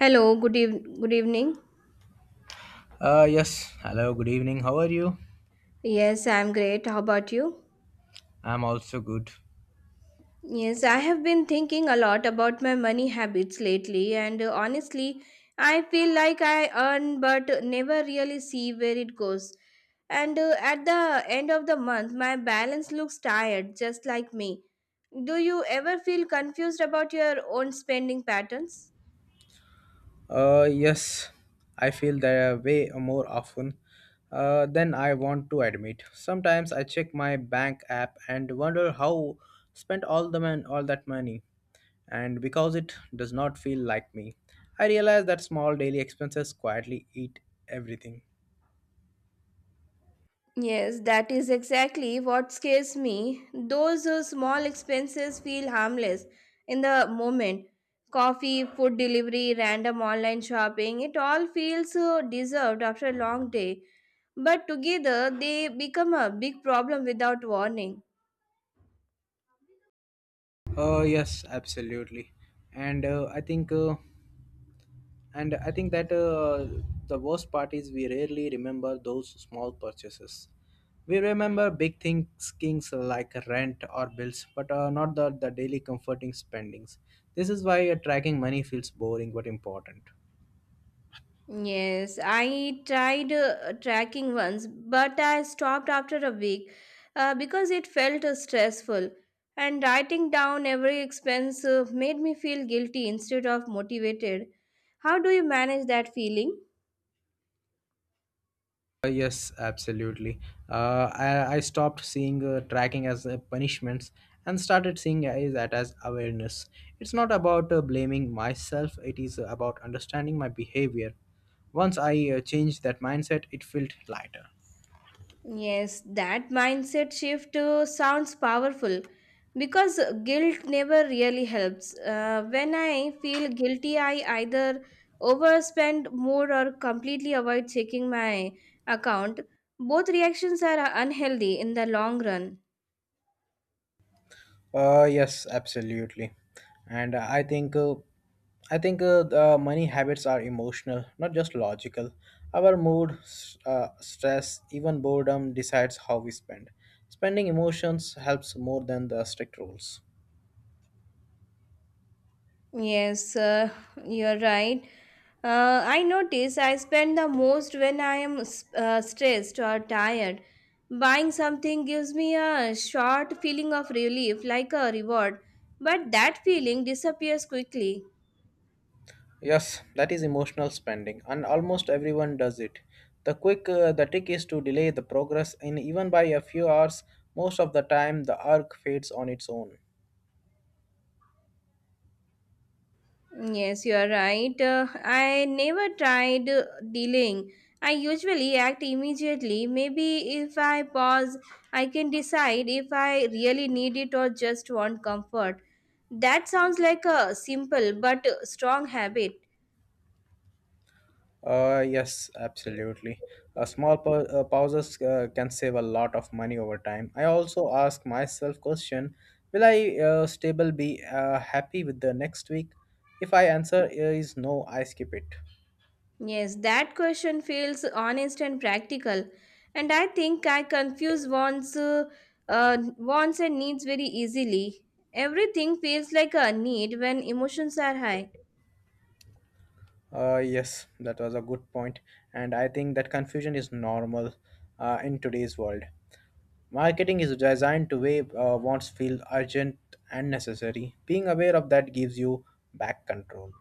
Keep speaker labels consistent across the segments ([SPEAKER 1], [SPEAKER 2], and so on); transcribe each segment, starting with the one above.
[SPEAKER 1] Hello, good evening.
[SPEAKER 2] Yes. Hello. Good evening. How are you?
[SPEAKER 1] Yes, I'm great. How about you?
[SPEAKER 2] I'm also good.
[SPEAKER 1] Yes, I have been thinking a lot about my money habits lately, and honestly, I feel like I earn but never really see where it goes. And at the end of the month, my balance looks tired, just like me. Do you ever feel confused about your own spending patterns?
[SPEAKER 2] Yes. I feel that way more often than I want to admit. Sometimes I check my bank app and wonder how spent all the man all that money, and because it does not feel like me, I realize that small daily expenses quietly eat everything.
[SPEAKER 1] Yes, that is exactly what scares me. Those small expenses feel harmless in the moment. Coffee, food delivery, random online shopping, it all feels deserved after a long day. But together, they become a big problem without warning.
[SPEAKER 2] Yes, absolutely. And I think that the worst part is we rarely remember those small purchases. We remember big things like rent or bills, but not the daily comforting spendings. This is why tracking money feels boring but important.
[SPEAKER 1] Yes, I tried tracking once, but I stopped after a week because it felt stressful. And writing down every expense made me feel guilty instead of motivated. How do you manage that feeling?
[SPEAKER 2] Yes, absolutely. I stopped seeing tracking as punishments and started seeing that as awareness. It's not about blaming myself; it is about understanding my behavior. Once I changed that mindset, it felt lighter.
[SPEAKER 1] Yes, that mindset shift sounds powerful because guilt never really helps. When I feel guilty, I either overspend more or completely avoid checking my account. Both reactions are unhealthy in the long run.
[SPEAKER 2] Yes, absolutely. And I think the money habits are emotional, not just logical. Our mood, stress, even boredom decides how we spend. Spending emotions helps more than the strict rules.
[SPEAKER 1] Yes, you're right. I notice I spend the most when I am stressed or tired. Buying something gives me a short feeling of relief, like a reward, but that feeling disappears quickly.
[SPEAKER 2] Yes, that is emotional spending, and almost everyone does it. The trick is to delay the progress, and even by a few hours, most of the time the arc fades on its own.
[SPEAKER 1] Yes, you are right. I never tried delaying. I usually act immediately. Maybe if I pause, I can decide if I really need it or just want comfort. That sounds like a simple but strong habit.
[SPEAKER 2] Yes, absolutely. A small pauses can save a lot of money over time. I also ask myself question: Will I stable be happy with the next week? If I answer is no, I skip it.
[SPEAKER 1] Yes, that question feels honest and practical. And I think I confuse wants and needs very easily. Everything feels like a need when emotions are high.
[SPEAKER 2] Yes, that was a good point, and I think that confusion is normal in today's world. Marketing is designed to way wants feel urgent and necessary. Being aware of that gives you back control.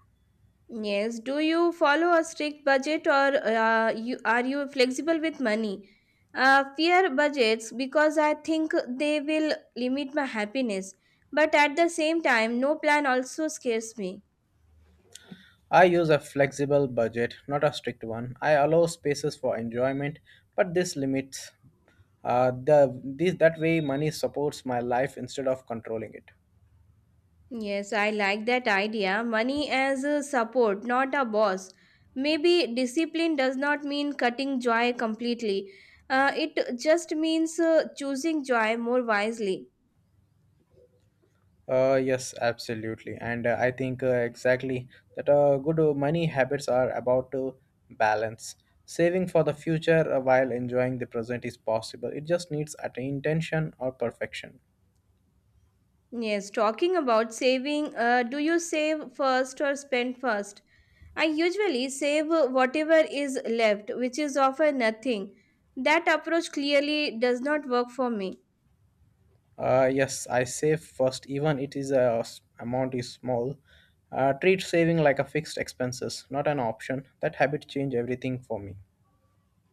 [SPEAKER 1] Yes. Do you follow a strict budget or are you flexible with money? Fear budgets because I think they will limit my happiness. But at the same time, no plan also scares me.
[SPEAKER 2] I use a flexible budget, not a strict one. I allow spaces for enjoyment, but this limits, the this that way money supports my life instead of controlling it.
[SPEAKER 1] Yes, I like that idea. Money as a support, not a boss. Maybe discipline does not mean cutting joy completely. It just means choosing joy more wisely.
[SPEAKER 2] Yes, absolutely. And I think exactly that good money habits are about to balance. Saving for the future while enjoying the present is possible. It just needs at intention or perfection.
[SPEAKER 1] Yes, talking about saving, do you save first or spend first? I usually save whatever is left, which is often nothing. That approach clearly does not work for me.
[SPEAKER 2] Yes, I save first, even it is a amount is small. Treat saving like a fixed expenses, not an option. That habit change everything for me.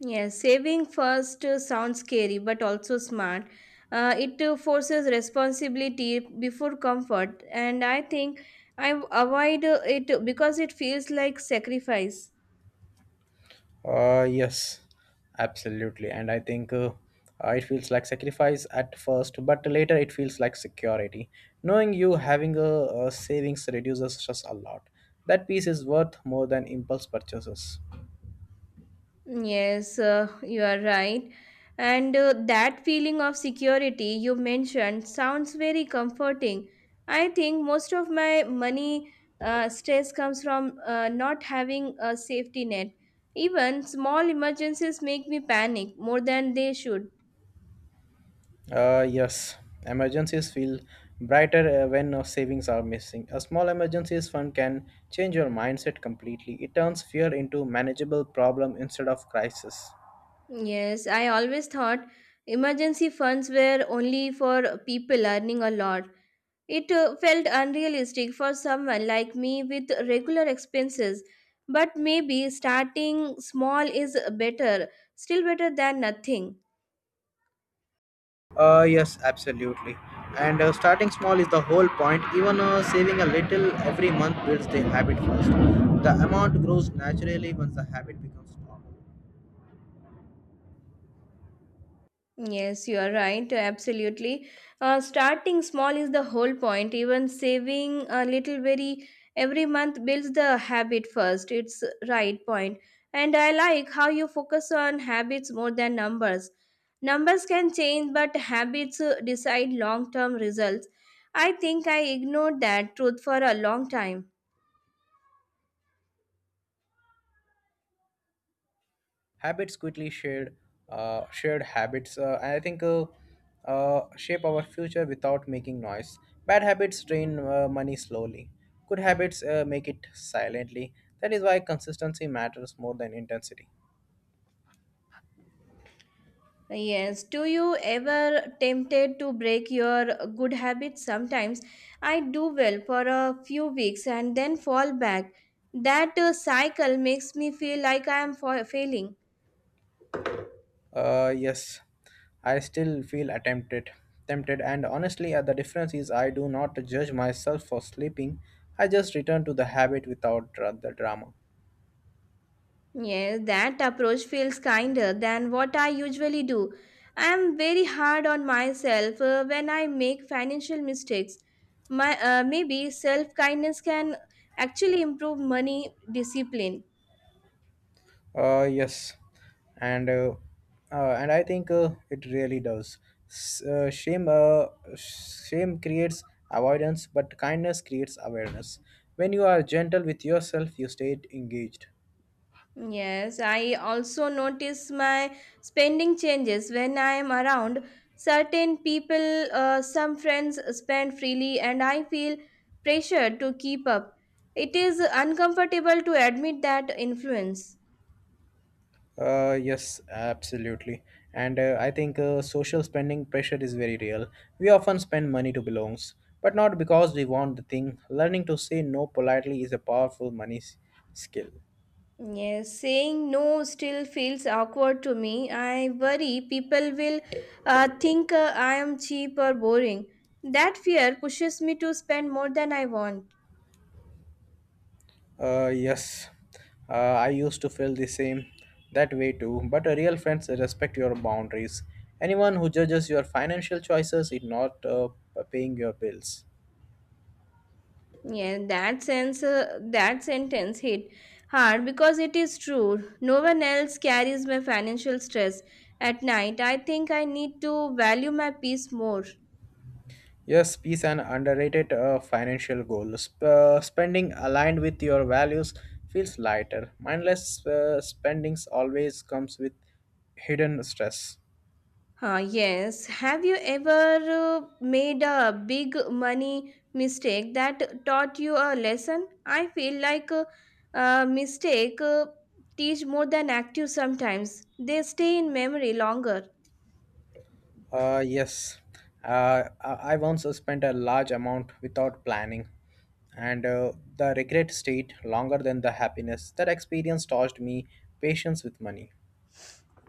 [SPEAKER 1] Yes, saving first sounds scary but also smart. It forces responsibility before comfort, and I think I avoid it because it feels like sacrifice.
[SPEAKER 2] Yes, absolutely, and I think it feels like sacrifice at first, but later it feels like security. Knowing you having a savings reduces stress a lot. That piece is worth more than impulse purchases.
[SPEAKER 1] Yes, you are right. And that feeling of security you mentioned sounds very comforting. I think most of my money stress comes from not having a safety net. Even small emergencies make me panic more than they should.
[SPEAKER 2] Yes, emergencies feel brighter when savings are missing. A small emergencies fund can change your mindset completely. It turns fear into manageable problem instead of crisis.
[SPEAKER 1] Yes, I always thought emergency funds were only for people earning a lot. It felt unrealistic for someone like me with regular expenses, but maybe starting small is better, still better than nothing.
[SPEAKER 2] Yes, absolutely. And starting small is the whole point. Even saving a little every month builds the habit first. The amount grows naturally once the habit becomes normal.
[SPEAKER 1] Yes, you are right. Absolutely. Starting small is the whole point. Even saving a little very every month builds the habit first. It's right point. And I like how you focus on habits more than numbers. Numbers can change, but habits decide long term results. I think I ignored that truth for a long time.
[SPEAKER 2] Habits quickly shared shared habits, I think shape our future without making noise. Bad habits drain money slowly, good habits make it silently. That is why consistency matters more than intensity.
[SPEAKER 1] Yes, do you ever tempted to break your good habits sometimes? I do well for a few weeks and then fall back. That cycle makes me feel like I am failing.
[SPEAKER 2] Yes, I still feel attempted tempted, and honestly the difference is I do not judge myself for sleeping. I just return to the habit without the drama.
[SPEAKER 1] Yes, that approach feels kinder than what I usually do. I am very hard on myself when I make financial mistakes. My maybe self kindness can actually improve money discipline.
[SPEAKER 2] Yes. And uh, uh, and I think it really does. S- uh, shame, uh, shame creates avoidance, but kindness creates awareness. When you are gentle with yourself, you stay engaged.
[SPEAKER 1] Yes, I also notice my spending changes when I am around certain people. Some friends spend freely, and I feel pressured to keep up. It is uncomfortable to admit that influence.
[SPEAKER 2] Yes, absolutely. And I think social spending pressure is very real. We often spend money to belongs, but not because we want the thing. Learning to say no politely is a powerful money skill.
[SPEAKER 1] Yes, saying no still feels awkward to me. I worry people will think I am cheap or boring. That fear pushes me to spend more than I want.
[SPEAKER 2] Yes, I used to feel the same that way too, but real friends respect your boundaries. Anyone who judges your financial choices is not paying your bills.
[SPEAKER 1] Yeah, that sentence hit hard because it is true. No one else carries my financial stress at night. I think I need to value my peace more.
[SPEAKER 2] Yes, peace an underrated financial goal. Spending aligned with your values feels lighter. Mindless spendings always comes with hidden stress.
[SPEAKER 1] Ah, yes. Have you ever made a big money mistake that taught you a lesson? I feel like a mistake teach more than active sometimes. They stay in memory longer.
[SPEAKER 2] Yes, I once spent a large amount without planning, and the regret stayed longer than the happiness. That experience taught me patience with money.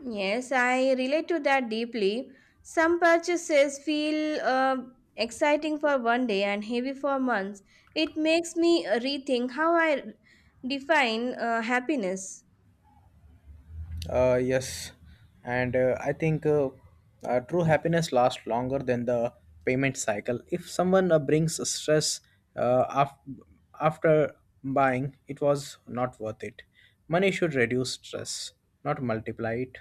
[SPEAKER 1] Yes, I relate to that deeply. Some purchases feel exciting for one day and heavy for months. It makes me rethink how I define happiness.
[SPEAKER 2] Yes. And I think true happiness lasts longer than the payment cycle. If someone brings stress uh, af- after buying, it was not worth it. Money should reduce stress, not multiply it.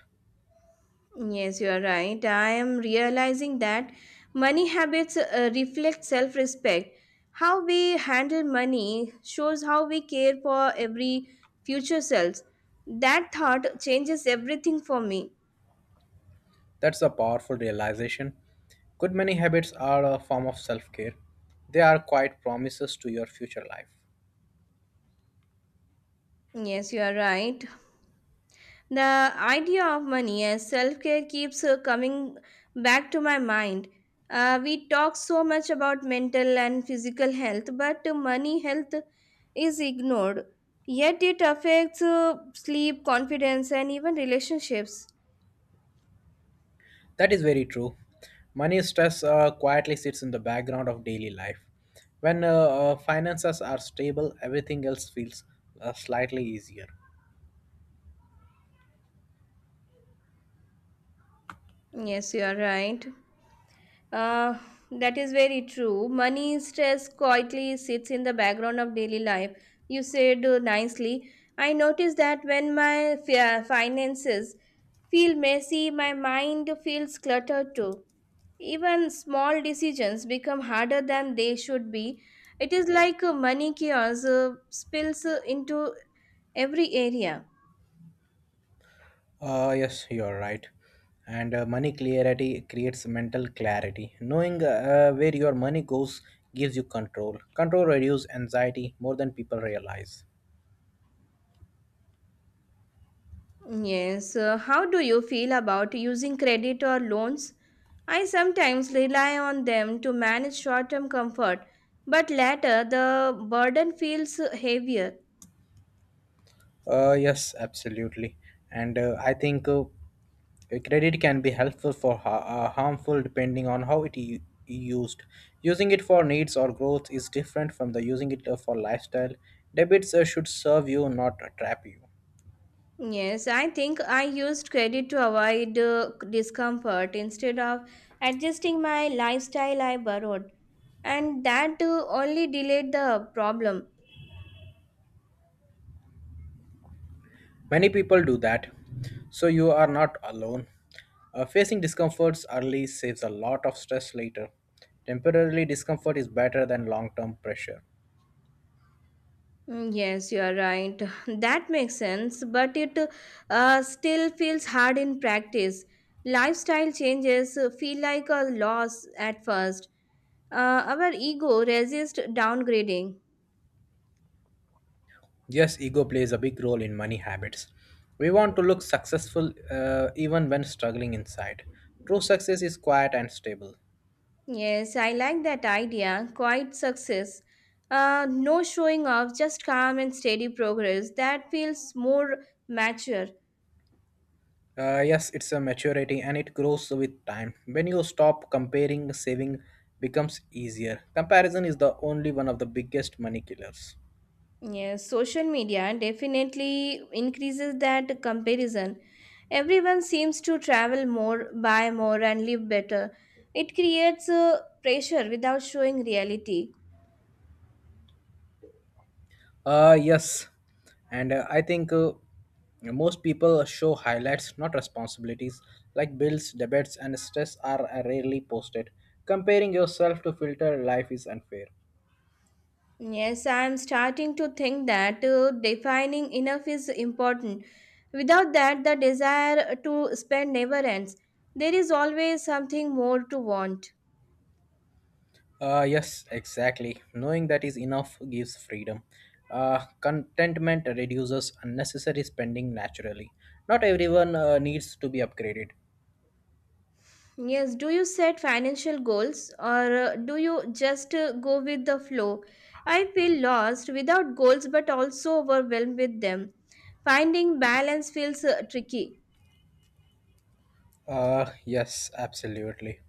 [SPEAKER 1] Yes, you are right. I am realizing that money habits reflect self respect. How we handle money shows how we care for every future selves. That thought changes everything for me.
[SPEAKER 2] That's a powerful realization. Good many habits are a form of self care. They are quite promises to your future life.
[SPEAKER 1] Yes, you are right. The idea of money as self care keeps coming back to my mind. We talk so much about mental and physical health, but money health is ignored. Yet it affects sleep, confidence, and even relationships.
[SPEAKER 2] That is very true. Money stress quietly sits in the background of daily life. When finances are stable, everything else feels slightly easier.
[SPEAKER 1] Yes, you are right. Uh, that is very true. Money stress quietly sits in the background of daily life. You said nicely. I noticed that when my finances feel messy, my mind feels cluttered too. Even small decisions become harder than they should be. It is like a money chaos spills into every area.
[SPEAKER 2] Yes, you're right. And money clarity creates mental clarity. Knowing where your money goes gives you control. Control reduces anxiety more than people realize.
[SPEAKER 1] Yes, how do you feel about using credit or loans? I sometimes rely on them to manage short term comfort, but later the burden feels heavier.
[SPEAKER 2] Yes, absolutely. And I think a credit can be helpful for harmful depending on how it used. Using it for needs or growth is different from the using it for lifestyle. Debits should serve you, not trap you.
[SPEAKER 1] Yes, I think I used credit to avoid discomfort instead of adjusting my lifestyle I borrowed. And that only delayed the problem.
[SPEAKER 2] Many people do that, so you are not alone. Facing discomforts early saves a lot of stress later. Temporarily discomfort is better than long term pressure.
[SPEAKER 1] Mm, yes, you are right. That makes sense, but it still feels hard in practice. Lifestyle changes feel like a loss at first. Our ego resists downgrading.
[SPEAKER 2] Yes, ego plays a big role in money habits. We want to look successful even when struggling inside. True success is quiet and stable.
[SPEAKER 1] Yes, I like that idea. Quiet success. No showing off, just calm and steady progress. That feels more mature.
[SPEAKER 2] Yes, it's a maturity and it grows with time. When you stop comparing, saving becomes easier. Comparison is the only one of the biggest money killers.
[SPEAKER 1] Yes, social media definitely increases that comparison. Everyone seems to travel more, buy more, and live better. It creates pressure without showing reality.
[SPEAKER 2] Yes. And I think most people show highlights, not responsibilities. Like bills, debits, and stress are rarely posted. Comparing yourself to filter life is unfair.
[SPEAKER 1] Yes, I'm starting to think that defining enough is important. Without that, the desire to spend never ends. There is always something more to want.
[SPEAKER 2] Yes, exactly. Knowing that is enough gives freedom. Contentment reduces unnecessary spending naturally. Not everyone needs to be upgraded.
[SPEAKER 1] Yes, do you set financial goals or do you just go with the flow? I feel lost without goals but also overwhelmed with them. Finding balance feels tricky.
[SPEAKER 2] Yes, absolutely.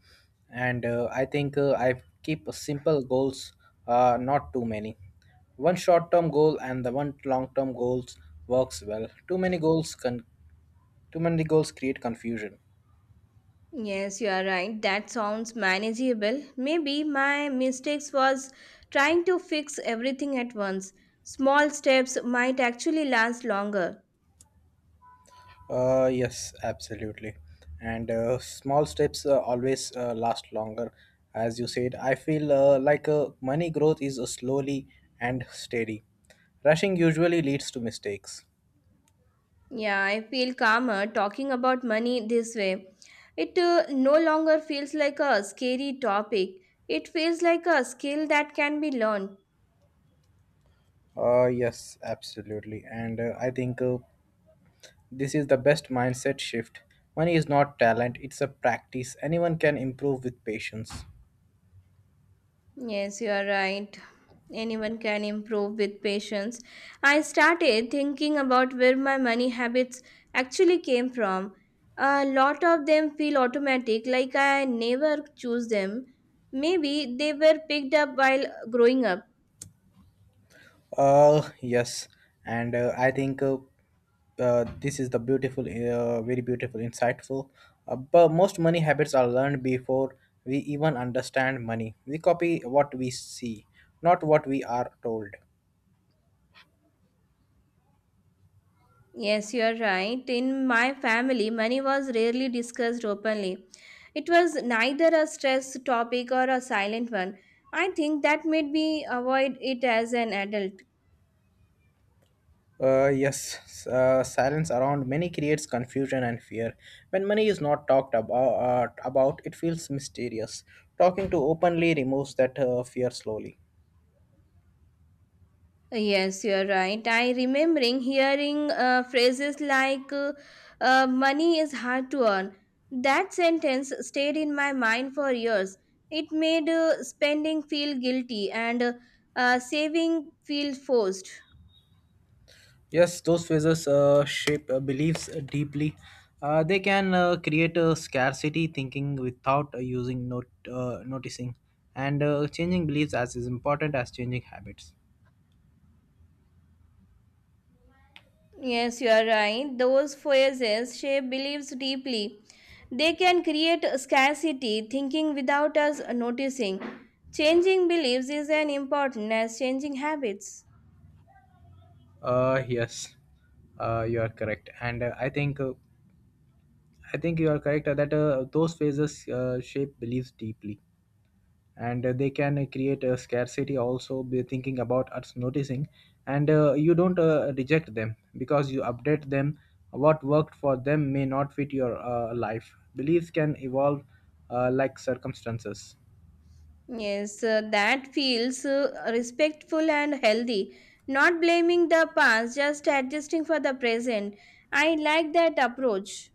[SPEAKER 2] And I keep simple goals, not too many. One short-term goal and the one long-term goals works well. Too many goals create confusion.
[SPEAKER 1] Yes, you are right. That sounds manageable. Maybe my mistakes was trying to fix everything at once. Small steps might actually last longer.
[SPEAKER 2] Yes, absolutely. And small steps always last longer. As you said, I feel like money growth is slowly and steady. Rushing usually leads to mistakes.
[SPEAKER 1] Yeah, I feel calmer talking about money this way. It no longer feels like a scary topic. It feels like a skill that can be learned.
[SPEAKER 2] Yes, absolutely. And I think this is the best mindset shift. Money is not talent, it's a practice. Anyone can improve with patience.
[SPEAKER 1] Yes, you are right. Anyone can improve with patience. I started thinking about where my money habits actually came from. A lot of them feel automatic, like I never choose them. Maybe they were picked up while growing up.
[SPEAKER 2] Yes. And I think this is the beautiful, very beautiful, insightful. But most money habits are learned before we even understand money. We copy what we see, not what we are told.
[SPEAKER 1] Yes, you are right. In my family, money was rarely discussed openly. It was neither a stress topic or a silent one. I think that made me avoid it as an adult.
[SPEAKER 2] Yes, silence around money creates confusion and fear. When money is not talked about, it feels mysterious. Talking to openly removes that fear slowly.
[SPEAKER 1] Yes, you're right. I remembering hearing phrases like money is hard to earn. That sentence stayed in my mind for years. It made spending feel guilty and saving feel forced.
[SPEAKER 2] Yes, those phrases shape beliefs deeply. They can create a scarcity thinking without using not noticing, and changing beliefs as is important as changing habits.
[SPEAKER 1] Yes, you are right. Those phrases shape beliefs deeply. They can create scarcity, thinking without us noticing. Changing beliefs is as important as changing habits.
[SPEAKER 2] Yes, you are correct, and I think you are correct that those phases shape beliefs deeply, and they can create a scarcity. Also, be thinking about us noticing, and you don't reject them because you update them. What worked for them may not fit your life. Beliefs can evolve like circumstances.
[SPEAKER 1] Yes, that feels respectful and healthy. Not blaming the past, just adjusting for the present. I like that approach.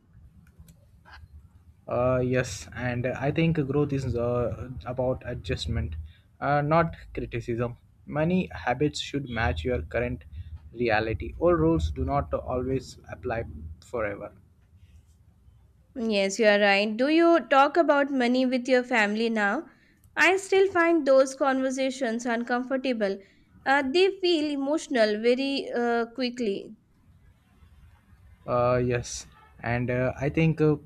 [SPEAKER 2] Yes, and I think growth is about adjustment, not criticism. Many habits should match your current reality. Old rules do not always apply forever.
[SPEAKER 1] Yes, you are right. Do you talk about money with your family now? I still find those conversations uncomfortable. They feel emotional very quickly.
[SPEAKER 2] Yes. And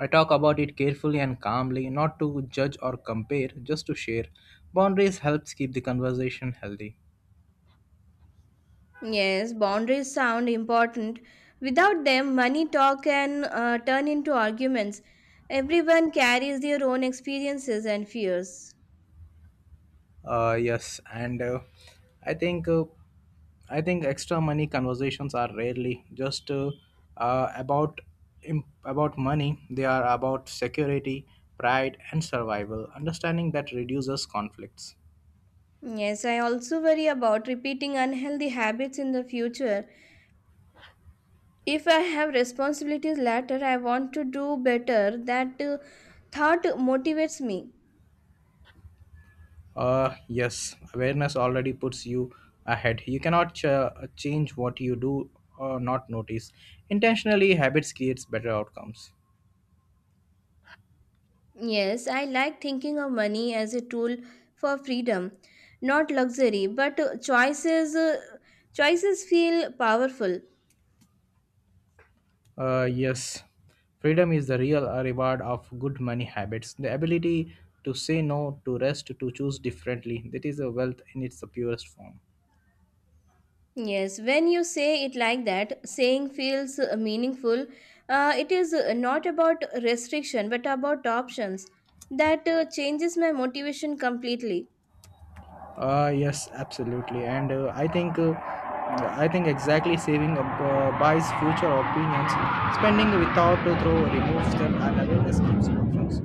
[SPEAKER 2] I talk about it carefully and calmly, not to judge or compare, just to share. Boundaries helps keep the conversation healthy.
[SPEAKER 1] Yes, boundaries sound important. Without them, money talk can turn into arguments. Everyone carries their own experiences and fears.
[SPEAKER 2] Yes. And I think uh, I think extra money conversations are rarely just uh, about about money. They are about security, pride, and survival. Understanding that reduces conflicts.
[SPEAKER 1] Yes, I also worry about repeating unhealthy habits in the future. If I have responsibilities later, I want to do better. That thought motivates me.
[SPEAKER 2] Yes, awareness already puts you ahead. You cannot change what you do or not notice. Intentionally, habits creates better outcomes.
[SPEAKER 1] Yes, I like thinking of money as a tool for freedom, not luxury, but choices feel powerful.
[SPEAKER 2] Yes, freedom is the real reward of good money habits. The ability to say no, to rest, to choose differently. That is a wealth in its purest form.
[SPEAKER 1] Yes, when you say it like that, saying feels meaningful. It is not about restriction, but about options. That changes my motivation completely.
[SPEAKER 2] Yes, absolutely. And I think exactly saving buys future opinions. Spending without to throw removes them, and awareness keeps options.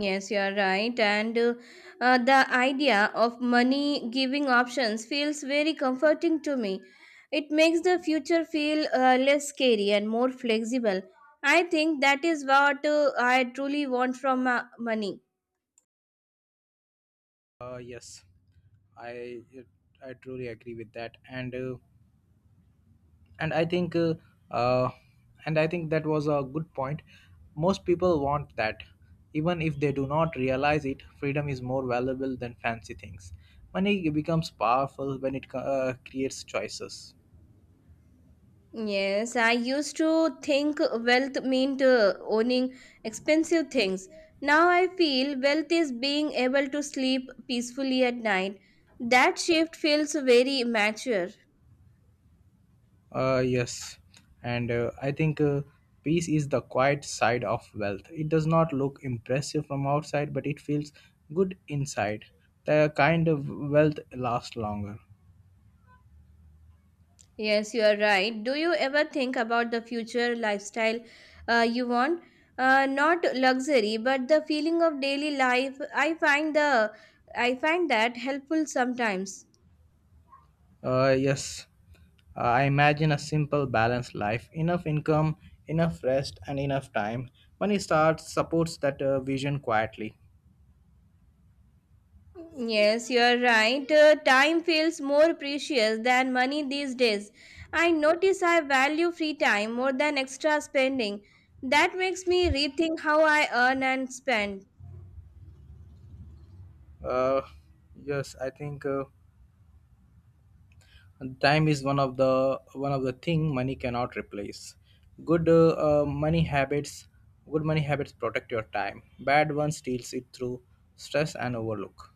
[SPEAKER 1] Yes, you are right. And the idea of money giving options feels very comforting to me. It makes the future feel less scary and more flexible. I think that is what I truly want from money.
[SPEAKER 2] Yes, I I truly agree with that. And i think uh, uh, and I think that was a good point. Most people want that, even if they do not realize it. Freedom is more valuable than fancy things. Money becomes powerful when it creates choices.
[SPEAKER 1] Yes, I used to think wealth meant owning expensive things. Now I feel wealth is being able to sleep peacefully at night. That shift feels very mature.
[SPEAKER 2] Yes and I think Peace is the quiet side of wealth. It does not look impressive from outside, but it feels good inside. The kind of wealth lasts longer.
[SPEAKER 1] Yes, you are right. Do you ever think about the future lifestyle you want? Not luxury, but the feeling of daily life. I find that helpful sometimes.
[SPEAKER 2] Uh, yes, I imagine a simple, balanced life. Enough income, enough rest, and enough time. Money starts supports that vision quietly.
[SPEAKER 1] Yes, you're right. Time feels more precious than money these days. I notice I value free time more than extra spending. That makes me rethink how I earn and spend.
[SPEAKER 2] Uh, yes, I think Time is one of the thing money cannot replace. Good uh, uh, money habits, Good money habits protect your time. Bad ones steals it through stress and overlook.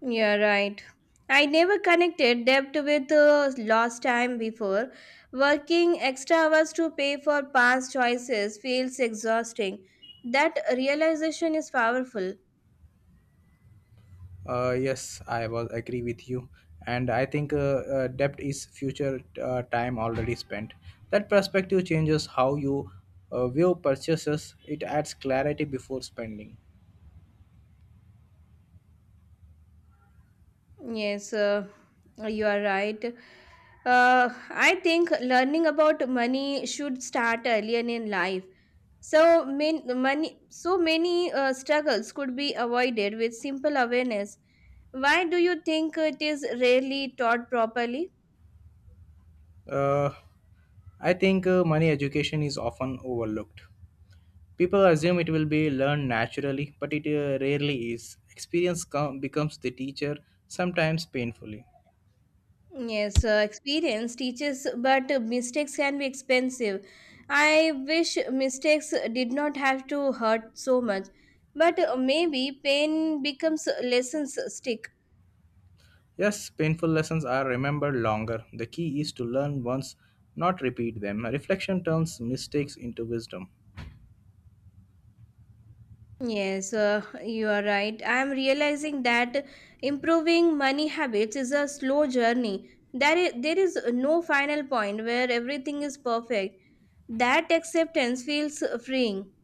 [SPEAKER 1] You're right. I never connected debt with lost time before. Working extra hours to pay for past choices feels exhausting. That realization is powerful.
[SPEAKER 2] Yes, I was agree with you, and I think debt is future time already spent. That perspective changes how you view purchases. It adds clarity before spending.
[SPEAKER 1] Yes, you are right. I think learning about money should start earlier in life. So many struggles could be avoided with simple awareness. Why do you think it is rarely taught properly?
[SPEAKER 2] Uh, I think money education is often overlooked. People assume it will be learned naturally, but it rarely is. Becomes the teacher, sometimes painfully.
[SPEAKER 1] Yes, experience teaches, but mistakes can be expensive. I wish mistakes did not have to hurt so much, but maybe pain becomes lessons stick.
[SPEAKER 2] Yes, painful lessons are remembered longer. The key is to learn once, not repeat them. Reflection turns mistakes into wisdom.
[SPEAKER 1] Yes, you are right. I am realizing that improving money habits is a slow journey. There is no final point where everything is perfect. That acceptance feels freeing.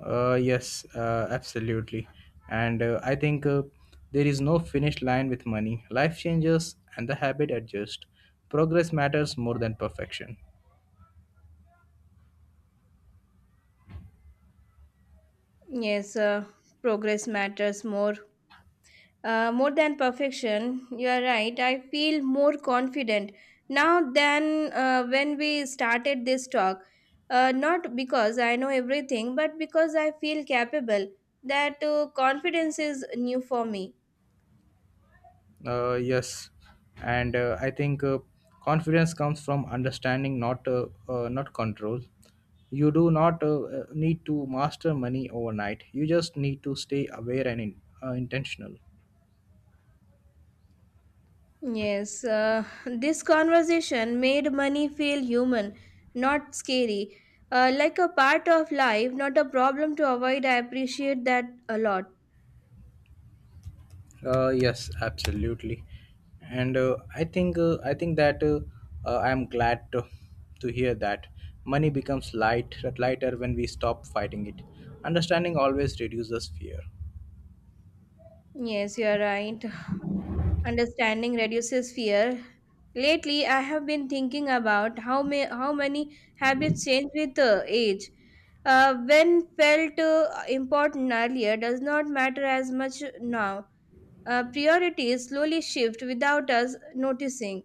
[SPEAKER 2] Yes, Absolutely. And I think There is no finish line with money. Life changes and the habit adjusts. Progress matters more than perfection.
[SPEAKER 1] Yes, progress matters more more than perfection, you are right. I feel more confident now than when we started this talk. Not because I know everything, but because I feel capable. That confidence is new for me.
[SPEAKER 2] Yes, and I think Confidence comes from understanding, not not control. You do not need to master money overnight. You just need to stay aware and intentional.
[SPEAKER 1] Yes, this conversation made money feel human, not scary. Like a part of life, not a problem to avoid. I appreciate that a lot.
[SPEAKER 2] Yes, absolutely. And I think that I'm glad to hear that money becomes lighter when we stop fighting it. Understanding always reduces fear.
[SPEAKER 1] Yes, you're right. Understanding reduces fear. Lately, I have been thinking about how many habits change with age. When felt important earlier does not matter as much now. Priorities slowly shift without us noticing.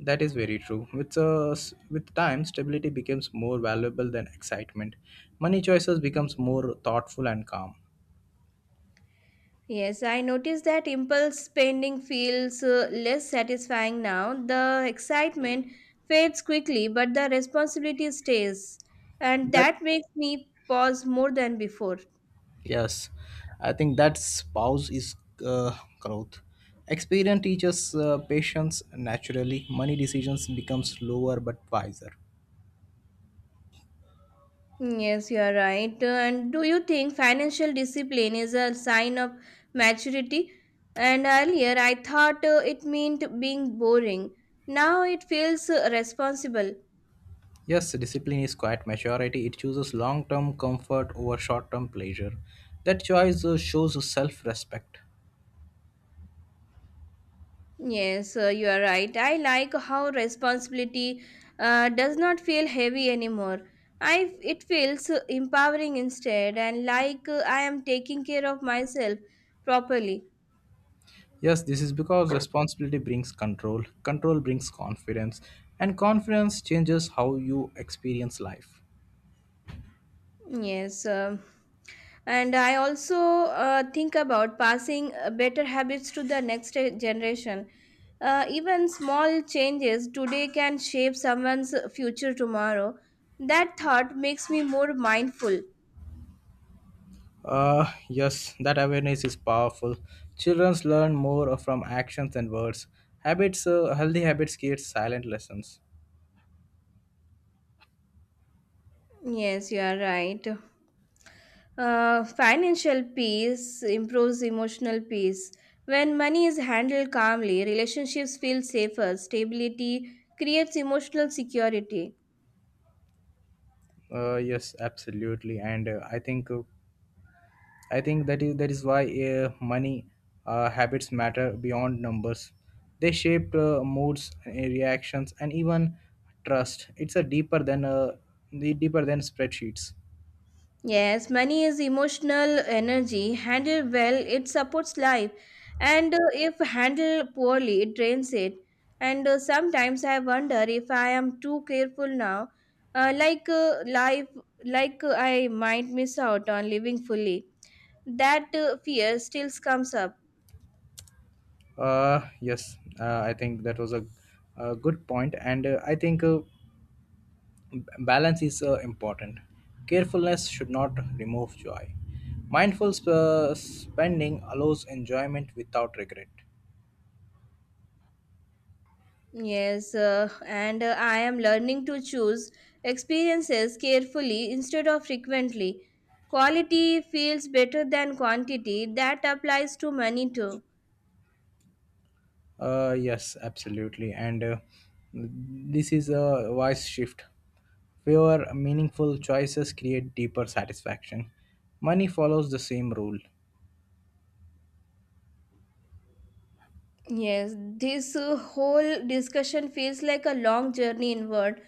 [SPEAKER 2] That is very true. With time, stability becomes more valuable than excitement. Money choices becomes more thoughtful and calm.
[SPEAKER 1] Yes, I notice that impulse spending feels less satisfying now. The excitement fades quickly, but the responsibility stays, and
[SPEAKER 2] That
[SPEAKER 1] that makes me pause more than before.
[SPEAKER 2] Yes, I think that spouse is growth. Experience teaches patience naturally. Money decisions become slower but wiser.
[SPEAKER 1] Yes, you are right. And do you think financial discipline is a sign of maturity? And earlier I thought it meant being boring. Now it feels responsible.
[SPEAKER 2] Yes, discipline is quite maturity. It chooses long-term comfort over short-term pleasure. That choice shows self-respect.
[SPEAKER 1] Yes, you are right. I like how responsibility does not feel heavy anymore. I it feels empowering instead and like I am taking care of myself properly.
[SPEAKER 2] Yes, this is because responsibility brings control, control brings confidence, and confidence changes how you experience life.
[SPEAKER 1] Yes. And I also think about passing better habits to the next generation. Even small changes today can shape someone's future tomorrow. That thought makes me more mindful.
[SPEAKER 2] Yes, that awareness is powerful. Children learn more from actions and words. Healthy habits create silent lessons.
[SPEAKER 1] Yes, you are right. Financial peace improves emotional peace. When money is handled calmly, relationships feel safer. Stability creates emotional security.
[SPEAKER 2] Yes, absolutely. And I think that is why money habits matter beyond numbers. They shape moods, reactions, and even trust. It's a deeper than the deeper than spreadsheets.
[SPEAKER 1] Yes, money is emotional energy. Handled well, it supports life. And if handled poorly, it drains it. And sometimes I wonder if I am too careful now. Uh, like uh, life, like I might miss out on living fully. That fear still comes up.
[SPEAKER 2] Yes, I think that was a good point, and balance is important. Carefulness should not remove joy. Spending allows enjoyment without regret.
[SPEAKER 1] Yes, and I am learning to choose experiences carefully instead of frequently. Quality feels better than quantity. That applies to money too.
[SPEAKER 2] Yes, absolutely. And This is a wise shift. Fewer meaningful choices create deeper satisfaction. Money follows the same rule.
[SPEAKER 1] Yes, this whole discussion feels like a long journey inward.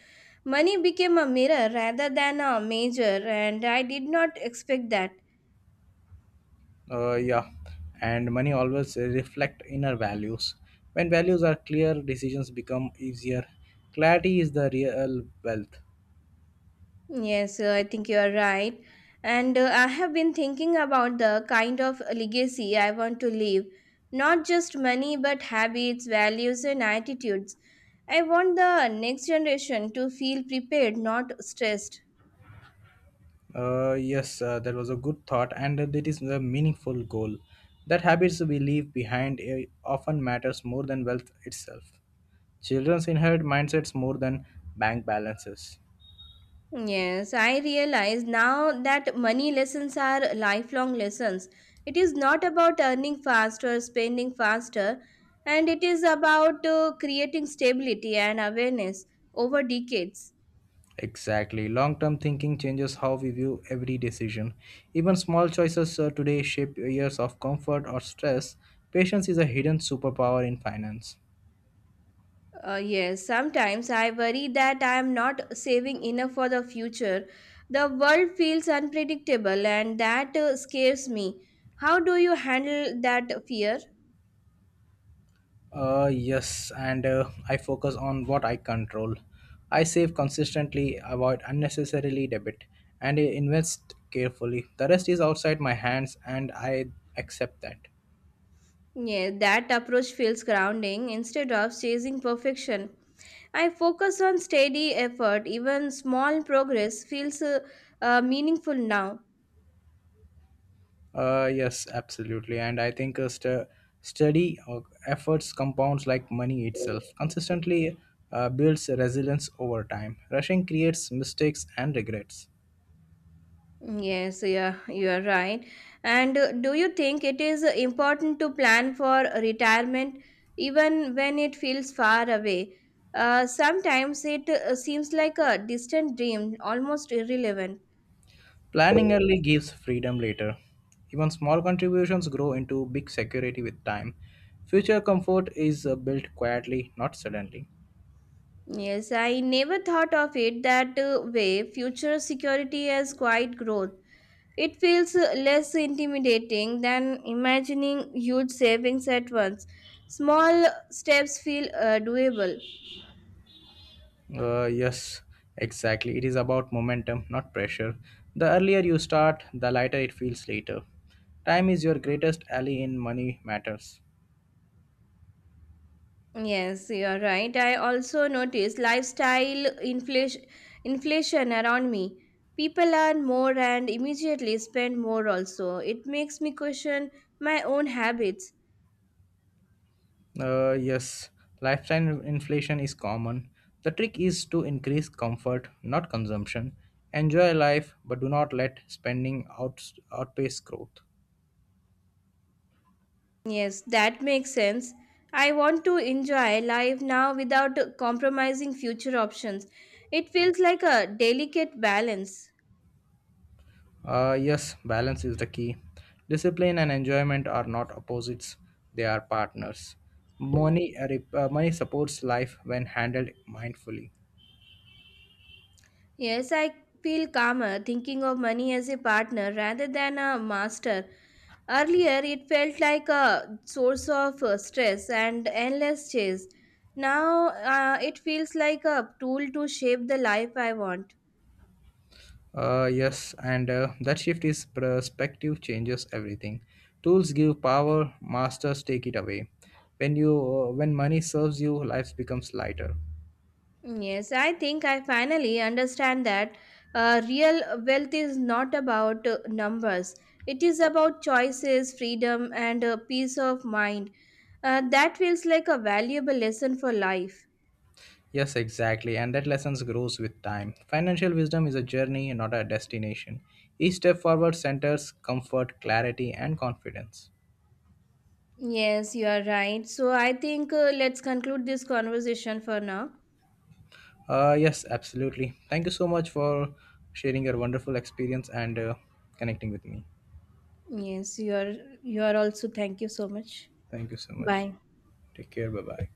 [SPEAKER 1] Money became a mirror rather than a major, and I did not expect that.
[SPEAKER 2] Yeah, and money always reflect inner values. When values are clear, decisions become easier. Clarity is the real wealth.
[SPEAKER 1] Yes, I think you are right. And I have been thinking about the kind of legacy I want to leave. Not just money, but habits, values, and attitudes. I want the next generation to feel prepared, not stressed.
[SPEAKER 2] Yes, that was a good thought, and that is a meaningful goal. That habits we leave behind often matters more than wealth itself. Children inherit mindsets more than bank balances.
[SPEAKER 1] Yes, I realize now that money lessons are lifelong lessons. It is not about earning fast or spending faster, and it is about creating stability and awareness over decades.
[SPEAKER 2] Exactly. Long term thinking changes how we view every decision. Even small choices today shape years of comfort or stress. Patience is a hidden superpower in finance.
[SPEAKER 1] Yes, sometimes I worry that I am not saving enough for the future. The world feels unpredictable and that scares me. How do you handle that fear?
[SPEAKER 2] Yes, and I focus on what I control. I save consistently, avoid unnecessarily debit, and invest carefully. The rest is outside my hands, and I accept that.
[SPEAKER 1] Yeah, that approach feels grounding instead of chasing perfection. I focus on steady effort, even small progress feels meaningful now.
[SPEAKER 2] Yes, absolutely. And I think st- steady efforts compounds like money itself, consistently builds resilience over time. Rushing creates mistakes and regrets.
[SPEAKER 1] Yes, yeah, you are right. And do you think it is important to plan for retirement even when it feels far away? Sometimes it seems like a distant dream, almost irrelevant.
[SPEAKER 2] Planning early gives freedom later. Even small contributions grow into big security with time. Future comfort is built quietly, not suddenly.
[SPEAKER 1] Yes, I never thought of it that way. Future security as quiet growth. It feels less intimidating than imagining huge savings at once. Small steps feel doable.
[SPEAKER 2] Yes, exactly. It is about momentum, not pressure. The earlier you start, the lighter it feels later. Time is your greatest ally in money matters.
[SPEAKER 1] Yes, you're right. I also noticed inflation around me. People earn more and immediately spend more, also. It makes me question my own habits.
[SPEAKER 2] Yes, lifetime inflation is common. The trick is to increase comfort, not consumption. Enjoy life, but do not let outpace growth.
[SPEAKER 1] Yes, that makes sense. I want to enjoy life now without compromising future options. It feels like a delicate balance.
[SPEAKER 2] Yes, balance is the key. Discipline and enjoyment are not opposites, they are partners. Money supports life when handled mindfully.
[SPEAKER 1] Yes, I feel calmer thinking of money as a partner rather than a master. Earlier, it felt like a source of stress and endless chase. Now, it feels like a tool to shape the life I want.
[SPEAKER 2] Yes, and That shift is perspective changes everything. Tools give power, masters take it away. When money serves you, life becomes lighter.
[SPEAKER 1] Yes, I think I finally understand that real wealth is not about numbers. It is about choices, freedom, and peace of mind. That feels like a valuable lesson for life.
[SPEAKER 2] Yes, exactly, and that lessons grows with time. Financial wisdom is a journey, not a destination. Each step forward centers comfort, clarity, and confidence.
[SPEAKER 1] Yes, you are right. So I think let's conclude this conversation for now.
[SPEAKER 2] Yes, absolutely. Thank you so much for sharing your wonderful experience and connecting with me.
[SPEAKER 1] Yes, you are also thank you so much.
[SPEAKER 2] Thank you so much.
[SPEAKER 1] Bye.
[SPEAKER 2] Take care. Bye bye.